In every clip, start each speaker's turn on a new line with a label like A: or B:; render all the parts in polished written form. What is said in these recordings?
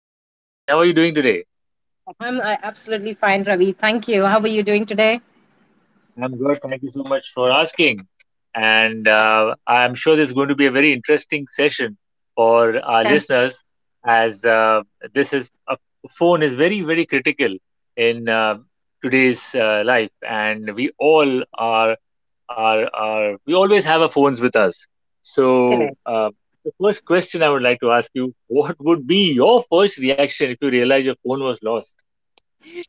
A: Hello, Nancy. How are you doing today?
B: I'm absolutely fine, Ravi. Thank you. How are you doing today?
A: I'm good. Thank you so much for asking. And I'm sure this is going to be a very interesting session for our
B: That's
A: listeners, as this is a phone is very, very critical in today's life, and we all are we always have our phones with us. So,
B: correct.
A: the first question I would like to ask you: what would be your first reaction if you realize your phone was lost?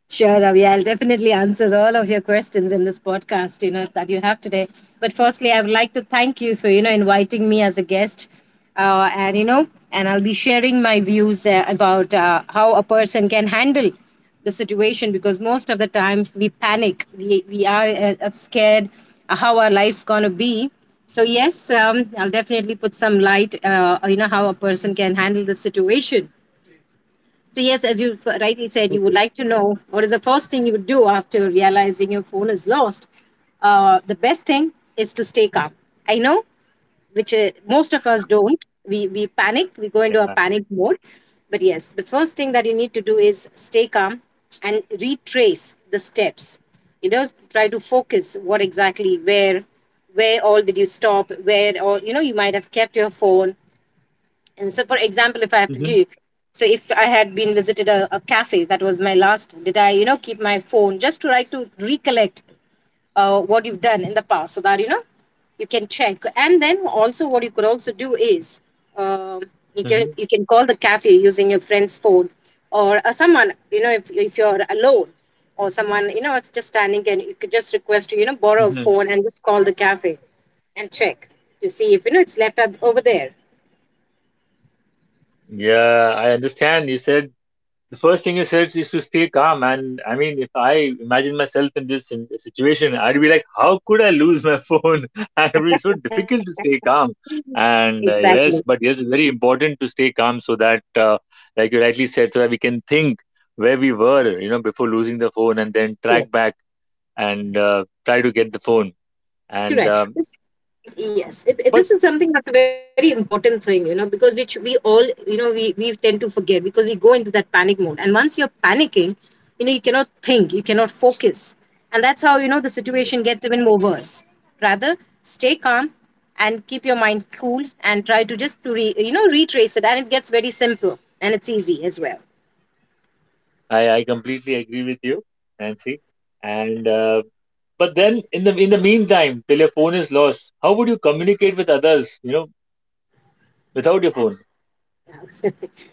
B: Sure, Ravi. I'll definitely answer all of your questions in this podcast, that you have today. But firstly, I would like to thank you for, inviting me as a guest. And, and I'll be sharing my views about how a person can handle the situation because most of the time we panic. We are scared how our life's going to be. So, yes, I'll definitely put some light, you know, how a person can handle the situation. So, yes, as you rightly said, you would
A: Okay.
B: like to know what is the first thing you would do after realizing your phone is lost. The best thing is to stay calm. I know, which most of us don't. We panic, we go into a
A: Yeah.
B: panic mode. But yes, the first thing that you need to do is stay calm and retrace the steps. You know, try to focus what exactly, where all did you stop, where all, you know, you might have kept your phone, and so, for example, if I have to
A: Hmm.
B: give, so if I had been visited a cafe, that was my last, did I, you know, keep my phone, just to try to recollect what you've done in the past so that, you know, you can check. And then also what you could also do is um, you can call the cafe using your friend's phone or someone, you know, if you're alone, or someone, you know, it's just standing and you could just request to, you know, borrow a
A: Hmm.
B: phone and just call the cafe and check to see if, you know, it's left out over there.
A: Yeah, I understand. You said the first thing you said is to stay calm. And I mean, if I imagine myself in this situation, I'd be like, how could I lose my phone? It would be so difficult to stay calm. And
B: Exactly.
A: yes, but yes, it's very important to stay calm so that, like you rightly said, so that we can think where we were, you know, before losing the phone and then
B: Yeah.
A: track back and try to get the phone. And,
B: Correct.
A: um,
B: This, yes,
A: but
B: this is something that's a very important thing, you know, because which we all, you know, we tend to forget because we go into that panic mode. And once you're panicking, you know, you cannot think, you cannot focus. And that's how, you know, the
A: mm,
B: situation gets even more worse. Rather, stay calm and keep your mind cool and try to just to you know, retrace it, and it gets very simple and it's easy as well.
A: I completely agree with you, Nancy. And, uh, But then in the meantime, till your phone is lost, how would you communicate with others, you know, without your phone?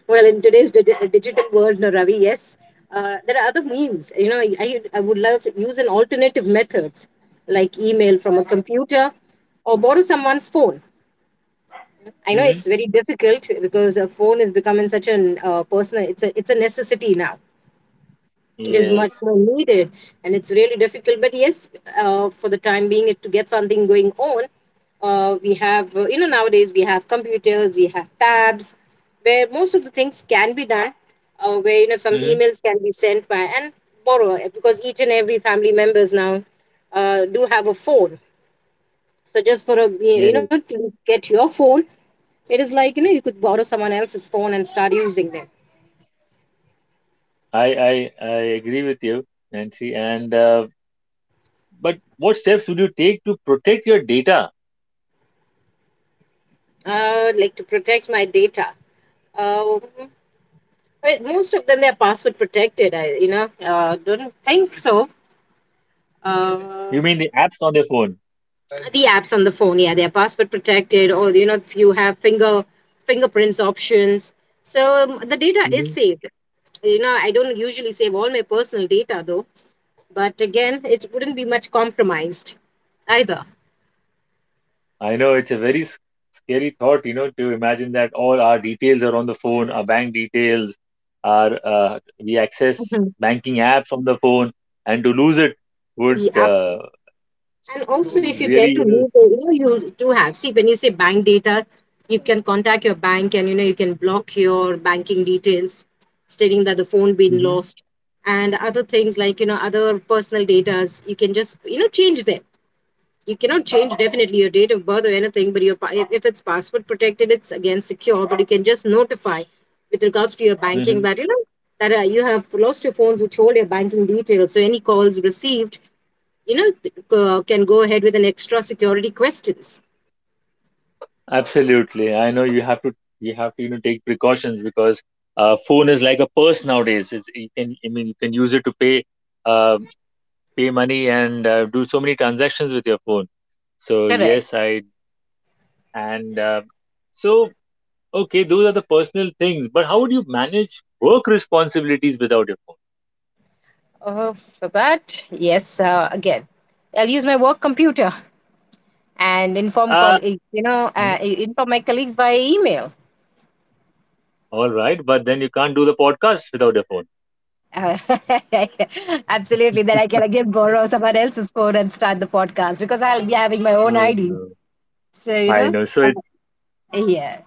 B: Well, in today's digital world, no, Ravi, yes, there are other means. You know, I would love to use an alternative methods like email from a computer or borrow someone's phone. I know
A: Hmm.
B: it's very difficult because a phone is becoming such an personal. It's a necessity now. It is much
A: Yes.
B: more needed and it's really difficult, but yes, for the time being, it, to get something going on, we have you know, nowadays we have computers, we have tabs where most of the things can be done, where, you know, some
A: Hmm.
B: emails can be sent by, and borrow because each and every family members now do have a phone. So just for a, you know,
A: Yes.
B: to get your phone, it is like, you know, you could borrow someone else's phone and start using them.
A: I agree with you, Nancy. And but what steps would you take to protect your data?
B: Like, to protect my data, uh, but most of them they're password protected. I, you know, don't think so. Uh,
A: You mean the apps on your phone?
B: the apps on the phone, yeah, they're password protected, or you know if you have finger fingerprints options, so the data is
A: Hmm.
B: saved. You know I don't usually save all my personal data though, but again it wouldn't be much compromised either.
A: I know it's a very scary thought, you know, to imagine that all our details are on the phone, our bank details, our we access
B: Mhm.
A: banking apps on the phone, and to lose it would
B: Yeah, and also, if you
A: really,
B: tend to
A: you know.
B: lose, you know, you do have. See, when you say bank data, you can contact your bank, and you know, you can block your banking details, stating that the phone been
A: Hmm.
B: lost, and other things like you know, other personal datas. You can just, you know, change them. You cannot change definitely your date of birth or anything, but your if it's password protected, it's again secure. But you can just notify with regards to your banking
A: Hmm.
B: that you know, that you have lost your phones which hold your banking details. So any calls received, you know, can go ahead with an extra security questions.
A: Absolutely, I know. You have to, you have to, you know, take precautions because phone is like a purse nowadays. It's, you can, I mean, you can use it to pay, uh, pay money and do so many transactions with your phone. So
B: Correct.
A: yes, I and so okay, those are the personal things, but how would you manage work responsibilities without your phone?
B: For that, yes, again, I'll use my work computer and inform
A: Uh.
B: colleagues, you know,
A: Mhm.
B: inform my colleagues by email.
A: All right, but then you can't do the podcast without your phone.
B: Uh, absolutely, then I can again borrow someone else's phone and start the podcast because I'll be having my own
A: i
B: IDs.
A: know
B: So, you
A: i
B: know,
A: know so,
B: uh, yeah,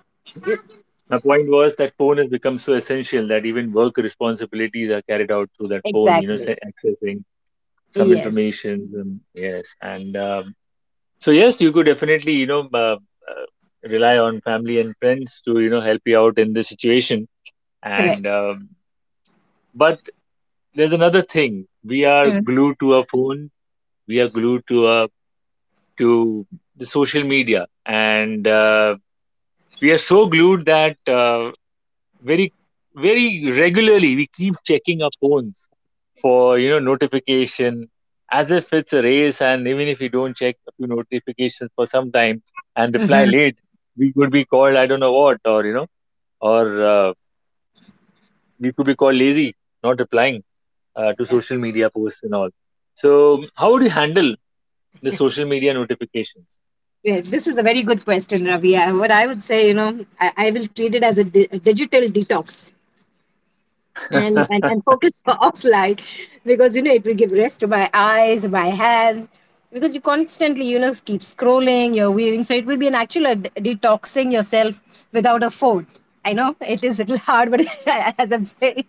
A: my point was that phone has become so essential that even work responsibilities are carried out through that phone, you know,
B: exactly.
A: say accessing some
B: Yes,
A: information. And, yes. And so, yes, you could definitely, you know, uh, rely on family and friends to, you know, help you out in this situation.
B: correct.
A: And, um, but there's another thing. We are
B: Mm-hmm.
A: glued to a phone, we are glued to the social media. And, we are so glued that very, very regularly we keep checking our phones for, you know, notification, as if it's a race. And even if we don't check a few notifications for some time and reply
B: Mm-hmm.
A: late, we could be called, I don't know what, or, you know, or we could be called lazy, not replying to social media posts and all. So how would you handle the social media notifications?
B: Yeah, this is a very good question, Ravi. I, what I would say, you know, I will treat it as a, a digital detox, and focus offline because, you know, it will give rest to my eyes, my hands, because you constantly, you know, keep scrolling, you're weaving. So it will be an actual detoxing yourself without a phone. I know it is a little hard, but as I'm saying,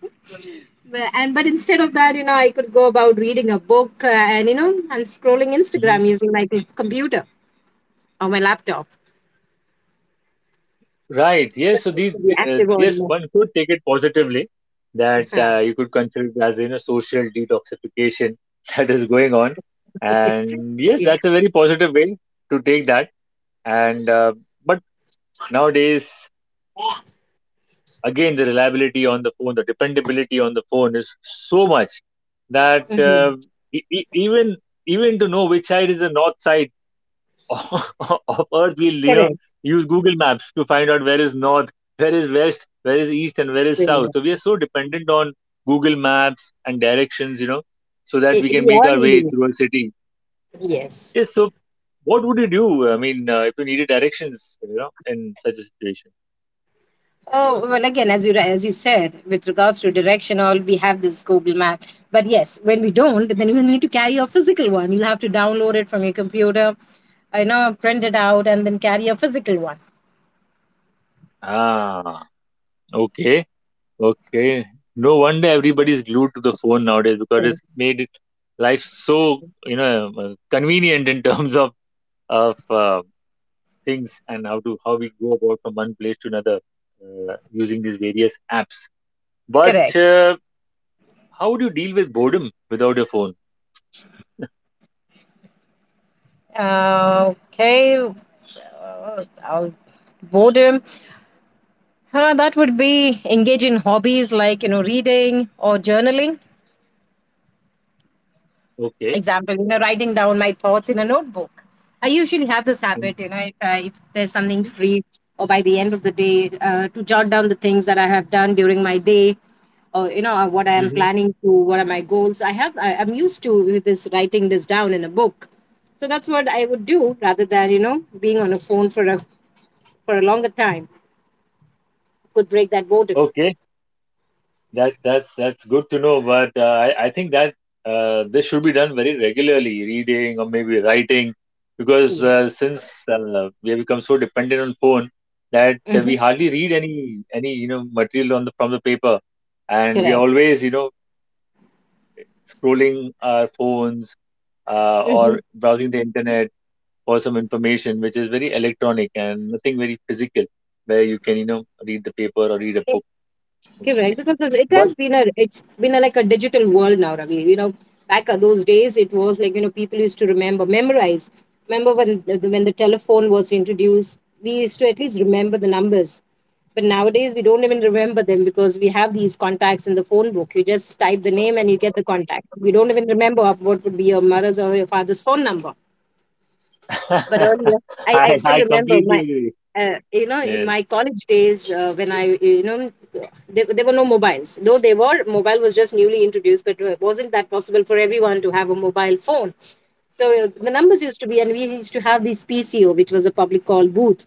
B: but, and but instead of that, you know, I could go about reading a book and you know, and scrolling Instagram using my computer or my laptop.
A: Right. Yes. So
B: To be active or
A: yes,
B: not.
A: one could take it positively, that
B: Uh-huh.
A: you could consider it as, you know, social detoxification that is going on, and yes, that's a
B: Yes.
A: very positive way to take that. And but nowadays, again, the reliability on the phone, the dependability on the phone is so much that
B: Mhm.
A: e- e- even even to know which side is the north side of Earth, we'll, you know,
B: Correct.
A: use Google Maps to find out where is north, where is west, where is east, and where is south.
B: Brilliant.
A: So we are so dependent on Google Maps and directions, you know, so that
B: I-
A: we can
B: We
A: make
B: are
A: our way
B: indeed.
A: through a city.
B: Yes.
A: Yes. So what would you do? I mean, if you needed directions, you know, in such a situation.
B: Oh well, again, as you said, with regards to direction, all we have this Google Map. But yes, when we don't, then you need to carry a physical one. You'll have to download it from your computer, you know, print it out, and then carry a physical one.
A: Ah. Okay. Okay. No wonder everybody's glued to the phone nowadays, because it's
B: Yes.
A: made it life so, you know, convenient in terms of of uh, things and how to, how we go about from one place to another uh, using these various apps.
B: Correct.
A: But how do you deal with boredom without a phone?
B: Okay. Uh, uh, boredom. That would be engage in hobbies like you know reading or journaling.
A: Okay,
B: Example, you know, writing down my thoughts in a notebook. I usually have this
A: and.
B: habit, you know, if there's something
A: Mhm.
B: free, or by the end of the day, to jot down the things that I have done during my day, or you know what I am
A: Mhm.
B: planning to, what are my goals. I'm used to this writing this down in a book, so that's what I would do rather than you know being on a phone for a longer time. Could break that boredom.
A: Okay, that's good to know. But I think that this should be done very regularly, reading or maybe writing, because
B: Yes.
A: since we have become so dependent on phone that we
B: Hmm.
A: hardly read any, you know, material on the, from the paper, and we are
B: Correct.
A: always, you know, scrolling our phones,
B: Mm-hmm.
A: or browsing the internet for some information, which is very electronic and nothing very physical, where you can, you know, read the paper or read a book. Okay,
B: Correct, because it
A: but
B: has been a it's been a, like a digital world now, Ravi. You know, back at those days, it was like you know people used to remember, memorize. Remember when when the telephone was introduced, we used to at least remember the numbers. But nowadays, we don't even remember them because we have these contacts in the phone book. You just type the name and you get the contact. We don't even remember of what would be your mother's or your father's phone number, but earlier, I
A: I
B: still remember
A: completely
B: my
A: agree.
B: you know, in
A: Yes,
B: my college days when i, you know, there were no mobiles, though they were mobile was just newly introduced, but it wasn't that possible for everyone to have a mobile phone, so the numbers used to be, and we used to have this PCO, which was a public call booth,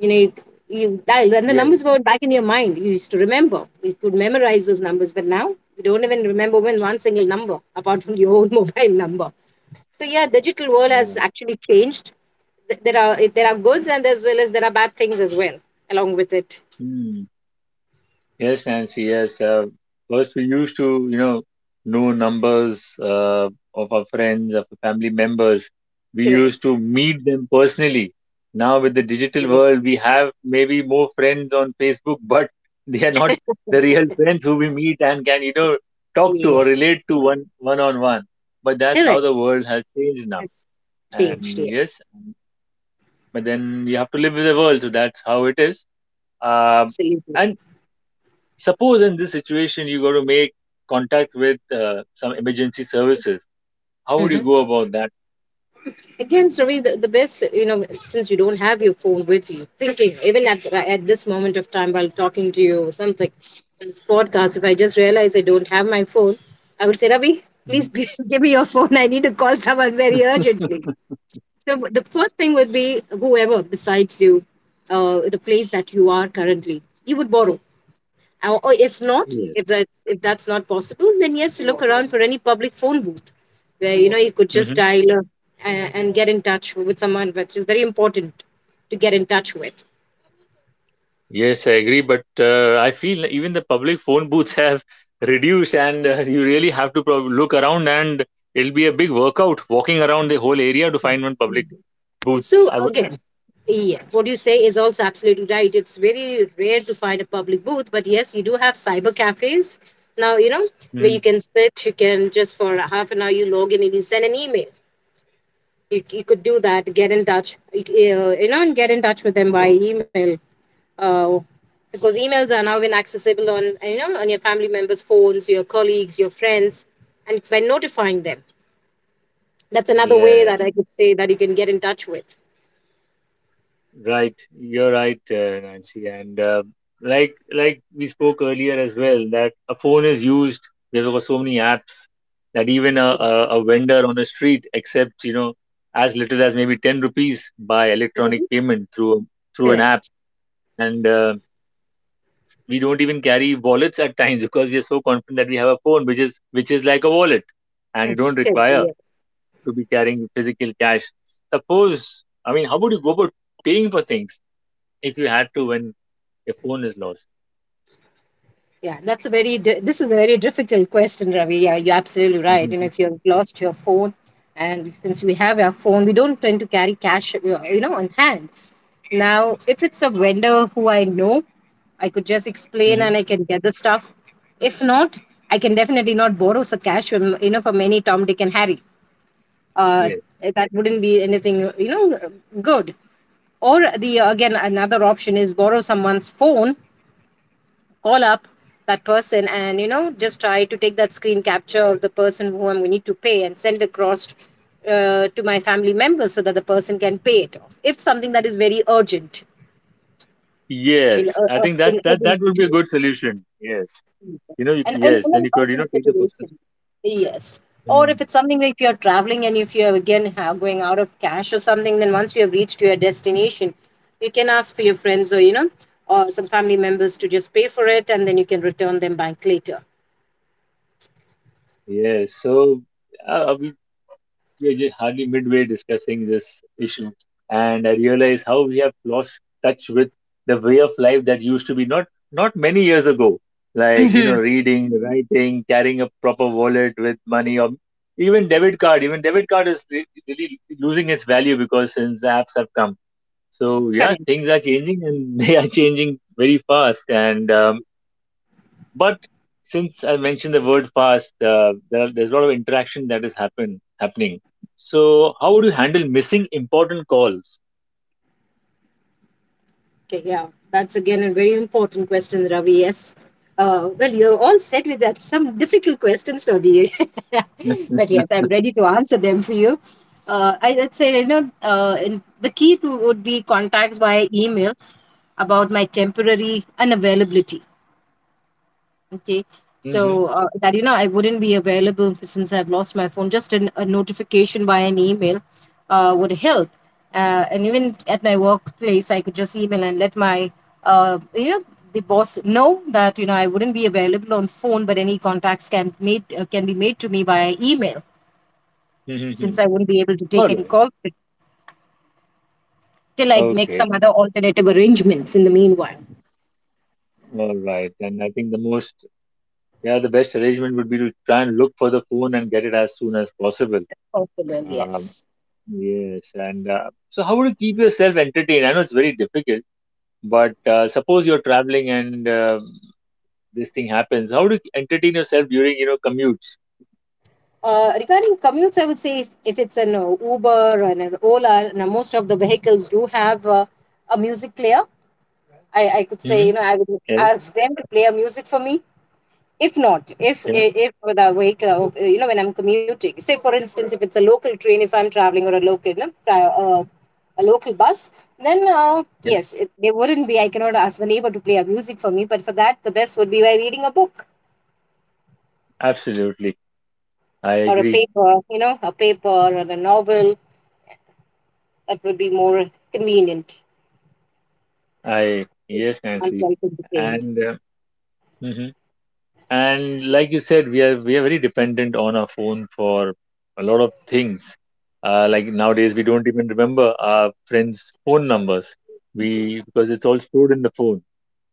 B: you know, you dialed, and the numbers
A: yes,
B: were back in your mind, you used to remember, you could memorize those numbers, but now you don't even remember even one single number apart from your own mobile number. So yeah, digital world has
A: uh,
B: actually changed. There are goods, and as well as there are bad things as well along with it.
A: hmm. Yes, Nancy. Yes. First, we used to, you know numbers of our friends, of our family members. We used
B: Correct.
A: to meet them personally. Now, with the digital
B: Yeah.
A: world, we have maybe more friends on Facebook, but they are not the real friends who we meet and can, you know, talk to
B: Yeah.
A: or relate to one, one on one. But that's how
B: Correct.
A: the world has changed now.
B: That's changed. Yeah.
A: And yes, but then you have to live with the world, so that's how it is. Uh,
B: Absolutely.
A: and suppose in this situation you got to make contact with some emergency services. How would you
B: Hmm.
A: go about that?
B: Again, Ravi, the best, you know, since you don't have your phone with you, thinking, even at this moment of time while talking to you or something, in this podcast, if I just realize I don't have my phone, I would say, Ravi, please
A: Mhm.
B: give me your phone. I need to call someone very urgently. So the first thing would be whoever besides you, the place that you are currently, you would borrow. Or if not,
A: Yes.
B: if that's not possible, then yes, look around for any public phone booth, where you know you could just
A: Hmm.
B: dial and get in touch with someone, which is very important to get in touch with.
A: Yes, I agree. But I feel even the public phone booths have reduced, and you really have to prob look around, and it'll be a big workout walking around the whole area to find one public booth.
B: So
A: I would.
B: again, yeah, what you say is also absolutely right. It's very rare to find a public booth, but yes, you do have cyber cafes now. You know, where you
A: Mhm.
B: can sit, you can just for a half an hour you log in and you send an email. You could do that, get in touch, you know, and get in touch with them via email. Uh, because emails are now been accessible on on your family members' phones, your colleagues, your friends, and by notifying them, that's another way that
A: Yes.
B: I could say that you can get in touch with.
A: Right, you're right, Nancy. And like we spoke earlier as well, that a phone is used. There were so many apps that even
B: Correct.
A: a vendor on the street accepts, you know, as little as maybe 10 rupees by electronic
B: Mhm.
A: payment through an app.
B: Correct.
A: And we don't even carry wallets at times because we are so confident that we have a phone, which is like a wallet, and you
B: Yes,
A: don't
B: could be,
A: require
B: yes.
A: to be carrying physical cash. Suppose, I mean, how would you go about paying for things, if you had to, when your phone is lost?
B: Yeah, that's a very di- This is a very difficult question, Ravi. Yeah, you're absolutely right. You
A: Mm-hmm.
B: know, if you've lost your phone, and since we have our phone, we don't tend to carry cash, on hand. Now, if it's a vendor who I know, I could just explain and I can get the stuff. If not, I can definitely not borrow some cash from from any Tom, Dick, and Harry. Uh,
A: Yes.
B: that wouldn't be anything good. Or the again another option is borrow someone's phone, call up that person and just try to take that screen capture of the person who I'm going to need to pay and send across to my family members so that the person can pay it off if something that is very urgent, in
A: Yes. I think
B: in
A: that that
B: urgent
A: that would be a good
B: situation
A: solution. Yes. You know. You,
B: and in,
A: yes.
B: in
A: Then
B: an
A: you could, you know,
B: urgent
A: take the person.
B: situation, yes. Or if
A: Mm.
B: it's something like if you're traveling and if you're again have going out of cash or something, then once you have reached your destination, you can ask for your friends or or some family members to just pay for it, and then you can return them back later.
A: Yes. So we we are just hardly midway discussing this issue, and I realize how we have lost touch with the way of life that used to be, not many years ago. Like, you
B: Mm-hmm.
A: know, reading, writing, carrying a proper wallet with money, or even debit card. Even debit card is really losing its value, because since apps have come. So yeah,
B: Correct.
A: things are changing, and they are changing very fast. And but since I mentioned the word fast, there are, there's a lot of interaction that is happening. So how would you handle missing important calls?
B: Okay, yeah, that's again a very important question, Ravi. Yes. Well, you're all set with that. Some difficult questions, Ravi. But yes, I'm ready to answer them for you. I would say, the key to would be contacts via email about my temporary unavailability. Okay. So that I wouldn't be available since I've lost my phone. Just a notification by an email would help. And even at my workplace, I could just email and let my uh, you know the boss know that I wouldn't be available on phone, but any contacts can made can be made to me via email, since
A: Mm-hmm.
B: I wouldn't be able to take
A: All
B: any
A: right.
B: calls till I make
A: Okay.
B: some other alternative arrangements in the meanwhile.
A: All right. And I think the most, yeah, the best arrangement would be to try and look for the phone and get it as soon as possible.
B: Possible,
A: Um,
B: yes.
A: yes. And so, how would you keep yourself entertained? I know it's very difficult. But suppose you're traveling and this thing happens. How do you entertain yourself during, you know, commutes?
B: Regarding commutes, I would say if it's an Uber and an Ola, now most of the vehicles do have a music player. I could say,
A: Hmm.
B: you know, I would
A: Yes,
B: ask them to play a music for me. If not, if
A: yeah,
B: if with a vehicle, you know, when I'm commuting, say for instance, if it's a local train, if I'm traveling or a local, a local bus, then
A: yeah,
B: yes, it, they wouldn't be. I cannot ask the neighbor to play a music for me, but for that, the best would be by reading a book
A: absolutely. I
B: or a
A: agree.
B: paper, you know, a paper or a novel that would be more convenient
A: I
B: if
A: Yes, Nancy.
B: oneself entertained.
A: And mhm. And like you said, we are, we are very dependent on our phone for a lot of things. Like nowadays, we don't even remember our friends' phone numbers. We, because it's all stored in the phone.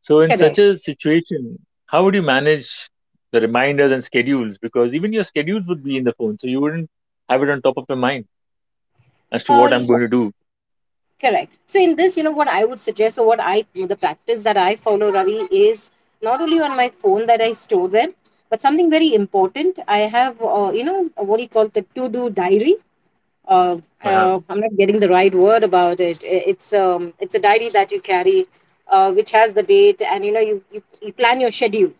A: So in such
B: Correct.
A: a situation, how would you manage the reminders and schedules? Because even your schedules would be in the phone, so you wouldn't have it on top of your mind as to what I'm going
B: Yeah,
A: to do.
B: correct. So in this, what I would suggest, or what I the practice that I follow, Ravi, is not only on my phone that I store them, but something very important. I have, you know, what do you call the to do diary? Uh,
A: Uh-huh.
B: I'm not getting the right word about it. It's a diary that you carry, which has the date, and you know, you plan your schedule.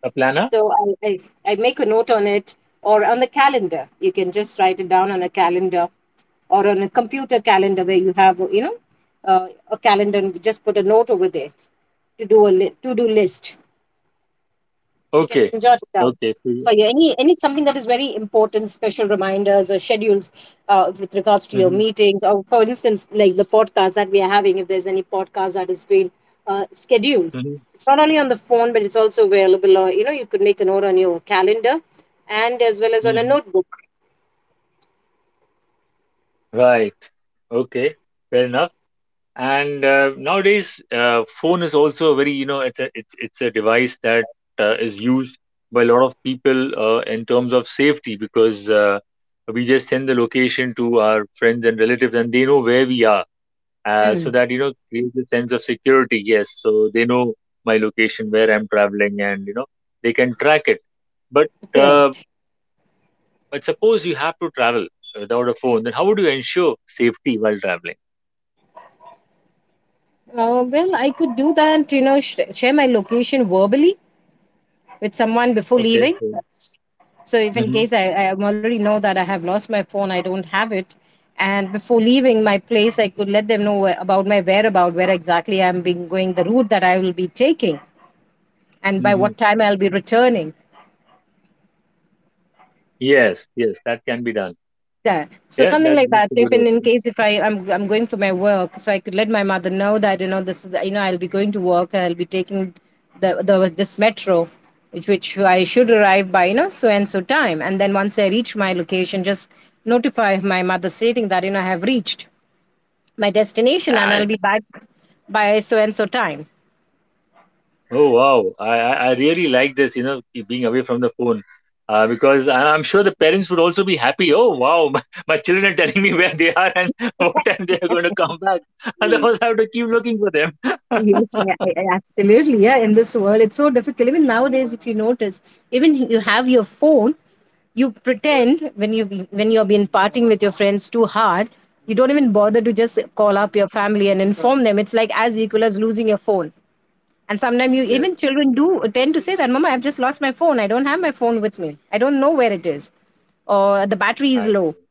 A: A planner?
B: So I make a note on it or on the calendar. You can just write it down on a calendar or on a computer calendar where you have, you know, a calendar and just put a note over there, to do list. You can
A: Okay,
B: jot it down.
A: okay. So
B: For
A: you,
B: you, any something that is very important, special reminders or schedules with regards to your
A: mhm,
B: meetings, or for instance, like the podcast that we are having. If there's any podcast that has been scheduled,
A: mhm,
B: it's not only on the phone, but it's also available. Or you know, you could make a note on your calendar, and as well as on a
A: mhm.
B: notebook.
A: Right. Okay. Fair enough. And nowadays, phone is also a very, you know, it's a device that is used by a lot of people in terms of safety, because we just send the location to our friends and relatives, and they know where we are, so
B: Hmm,
A: that, you know, creates a sense of security. Yes, so they know my location, where I'm traveling, and, you know, they can track it. But uh,
B: correct.
A: but suppose you have to travel without a phone, then how would you ensure safety while traveling?
B: Well, I could do that. You know, share my location verbally with someone before
A: Okay.
B: leaving. So if in case I already know that I have lost my phone, I don't have it. And before leaving my place, I could let them know where- about my whereabout, where exactly I'm being going, the route that I will be taking, and by
A: Mm-hmm.
B: what time I'll be returning.
A: Yes, yes, that can be done.
B: Yeah. So
A: Yeah,
B: something like
A: that's
B: that.
A: a
B: If
A: good
B: in
A: option.
B: case if I'm going for my work, so I could let my mother know that this is I'll be going to work and I'll be taking the this metro, which I should arrive by so and so time. And then once I reach my location, just notify my mother stating that I have reached my destination and
A: I,
B: I'll be back by so and so time.
A: oh wow, I really like this, you know, keep being away from the phone, because I'm sure the parents would also be happy. Oh wow, my children are telling me where they are and what time they are going to come back. Otherwise, I have to keep looking for them.
B: Yes, absolutely. Yeah, in this world, it's so difficult. Even nowadays, if you notice, even you have your phone, you pretend when you've been partying with your friends too hard, you don't even bother to just call up your family and inform them. It's like as equal as losing your phone. And sometimes you even
A: Yes,
B: children do tend to say that, "Mama, I've just lost my phone. I don't have my phone with me. I don't know where it is, or the battery is
A: I
B: low."
A: know.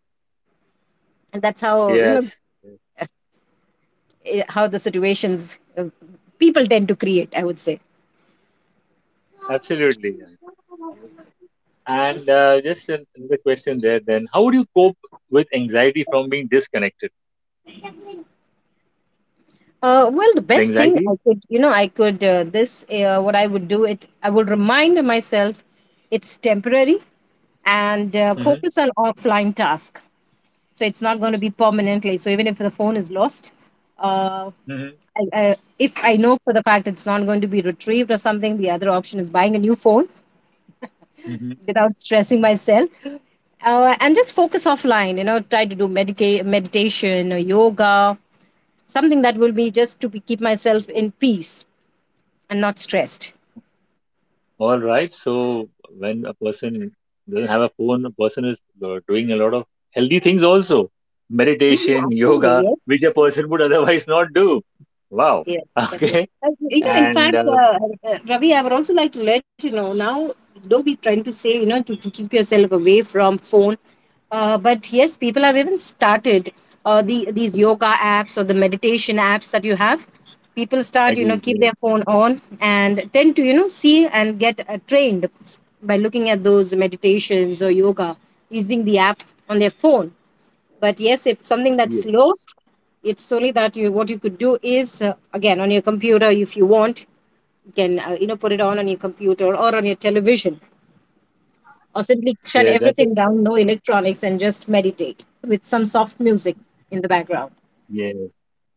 B: And that's how
A: Yes, yes,
B: how the situations people tend to create. I would say.
A: absolutely. Yeah. And just another question there, then. How would you cope with anxiety from being disconnected?
B: Well, the
A: The
B: best thing I
A: anxiety?
B: could, you know, I could this what I would do it. I would remind myself it's temporary and
A: Mm-hmm.
B: focus on offline task. So it's not going to be permanently. So even if the phone is lost, uh, if I know for the fact it's not going to be retrieved or something, the other option is buying a new phone
A: Mm-hmm.
B: without stressing myself. And just focus offline, you know, try to do meditation or yoga. Something that will be just keep myself in peace and not stressed.
A: All right. So when a person doesn't have a phone, a person is doing a lot of healthy things also.
B: Mm,
A: Meditation,
B: absolutely,
A: yoga, which
B: yes.
A: a person would otherwise not do. Wow.
B: Yes, that's it.
A: Okay. And
B: Ravi, I would also like to let you know now, don't be trying to say, you know, to keep yourself away from phone. But yes, people have even started the these yoga apps or the meditation apps that you have. People start, you know,
A: agreed.
B: keep
A: Yes.
B: their phone on and tend to, you know, see and get trained by looking at those meditations or yoga using the app on their phone. But yes, if something that's
A: Yes.
B: lost, it's only that you what you could do is again on your computer if you want, you can you know put it on your computer or on your television, or simply shut
A: Yes. That's it.
B: everything down, no electronics, and just meditate with some soft music in the background.
A: Yes,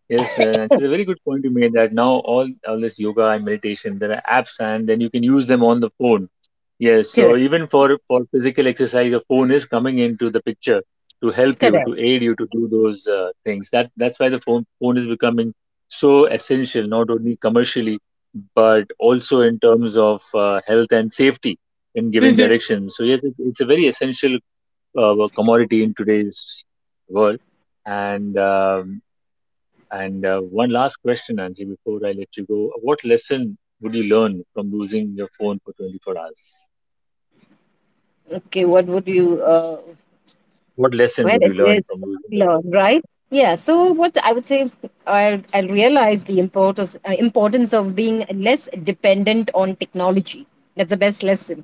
A: yes, and it's a very good point you made, that now all this yoga and meditation, there are apps, and then you can use them on the phone. Yes,
B: Correct.
A: so even for physical exercise, your phone is coming into the picture to help you,
B: Correct.
A: to aid you to do those things. That, that's why the phone is becoming so essential, not only commercially, but also in terms of health and safety, in giving
B: Hmm.
A: directions. So yes, it's a very essential commodity in today's world. And one last question, Anji, before I let you go. What lesson would you learn from losing your phone for 24 hours?
B: Okay, what would you
A: What lesson
B: well,
A: would
B: it
A: you learn
B: is
A: from losing your
B: learn, right? Yeah. So what I would say, I realize the importance importance of being less dependent on technology. That's the best lesson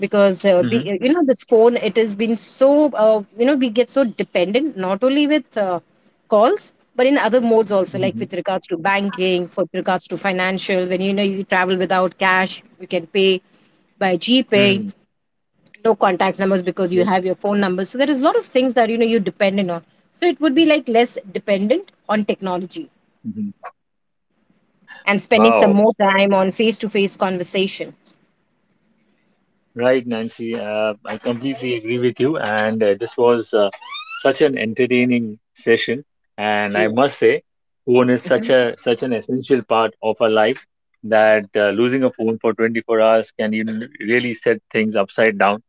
B: because
A: phone?
B: you know this phone it has been so you know we get so dependent not only with calls but in other modes also
A: Mm-hmm.
B: like
A: Mm-hmm.
B: with regards to banking for regards to financial when you know you travel without cash you can pay by gpay,
A: Mm-hmm.
B: no contacts numbers because you
A: Yeah.
B: have your phone numbers. So there is a lot of things that you're dependent on. So it would be like less dependent on technology
A: Hmm.
B: and spending some
A: Wow.
B: more time on face to face conversation.
A: Right, Nancy. I completely agree with you. And this was such an entertaining session. And I must
B: Yes.
A: say, phone is such
B: Mhm.
A: a, such an essential part of our lives, that losing a phone for 24 hours can, you know, really set things upside down.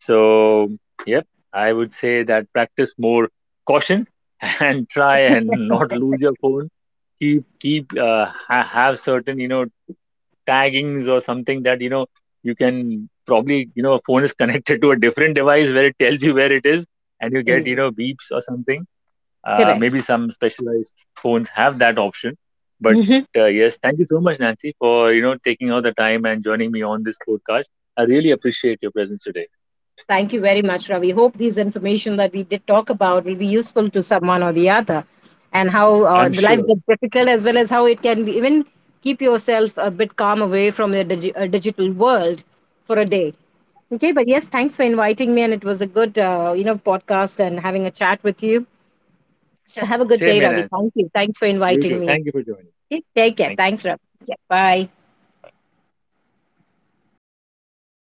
A: So, yep, I would say that practice more caution and try and not lose your phone. Keep have certain, you know, taggings or something, that, you know, you can probably, you know, a phone is connected to a different device where it tells you where it is, and you get, you
B: Yes.
A: know, beeps or something.
B: Correct.
A: Maybe some specialized phones have that option, but yes, thank you so much, Nancy, for, you know, taking out the time and joining me on this podcast. I really appreciate your presence today.
B: Thank you very much, Ravi. Hope these information that we did talk about will be useful to someone or the other, and how
A: I'm
B: the life
A: sure.
B: gets difficult as well as how it can be, even keep yourself a bit calm away from the digital world for a day. Okay, but yes, thanks for inviting me, and it was a good you know podcast and having a chat with you. So have a good
A: Same
B: day,
A: here,
B: Ravi.
A: Nancy.
B: Thank you. Thanks for
A: You
B: inviting
A: too.
B: me.
A: Thank you for joining.
B: Okay, take care.
A: Thank
B: Thanks, Ravi. Yeah, bye.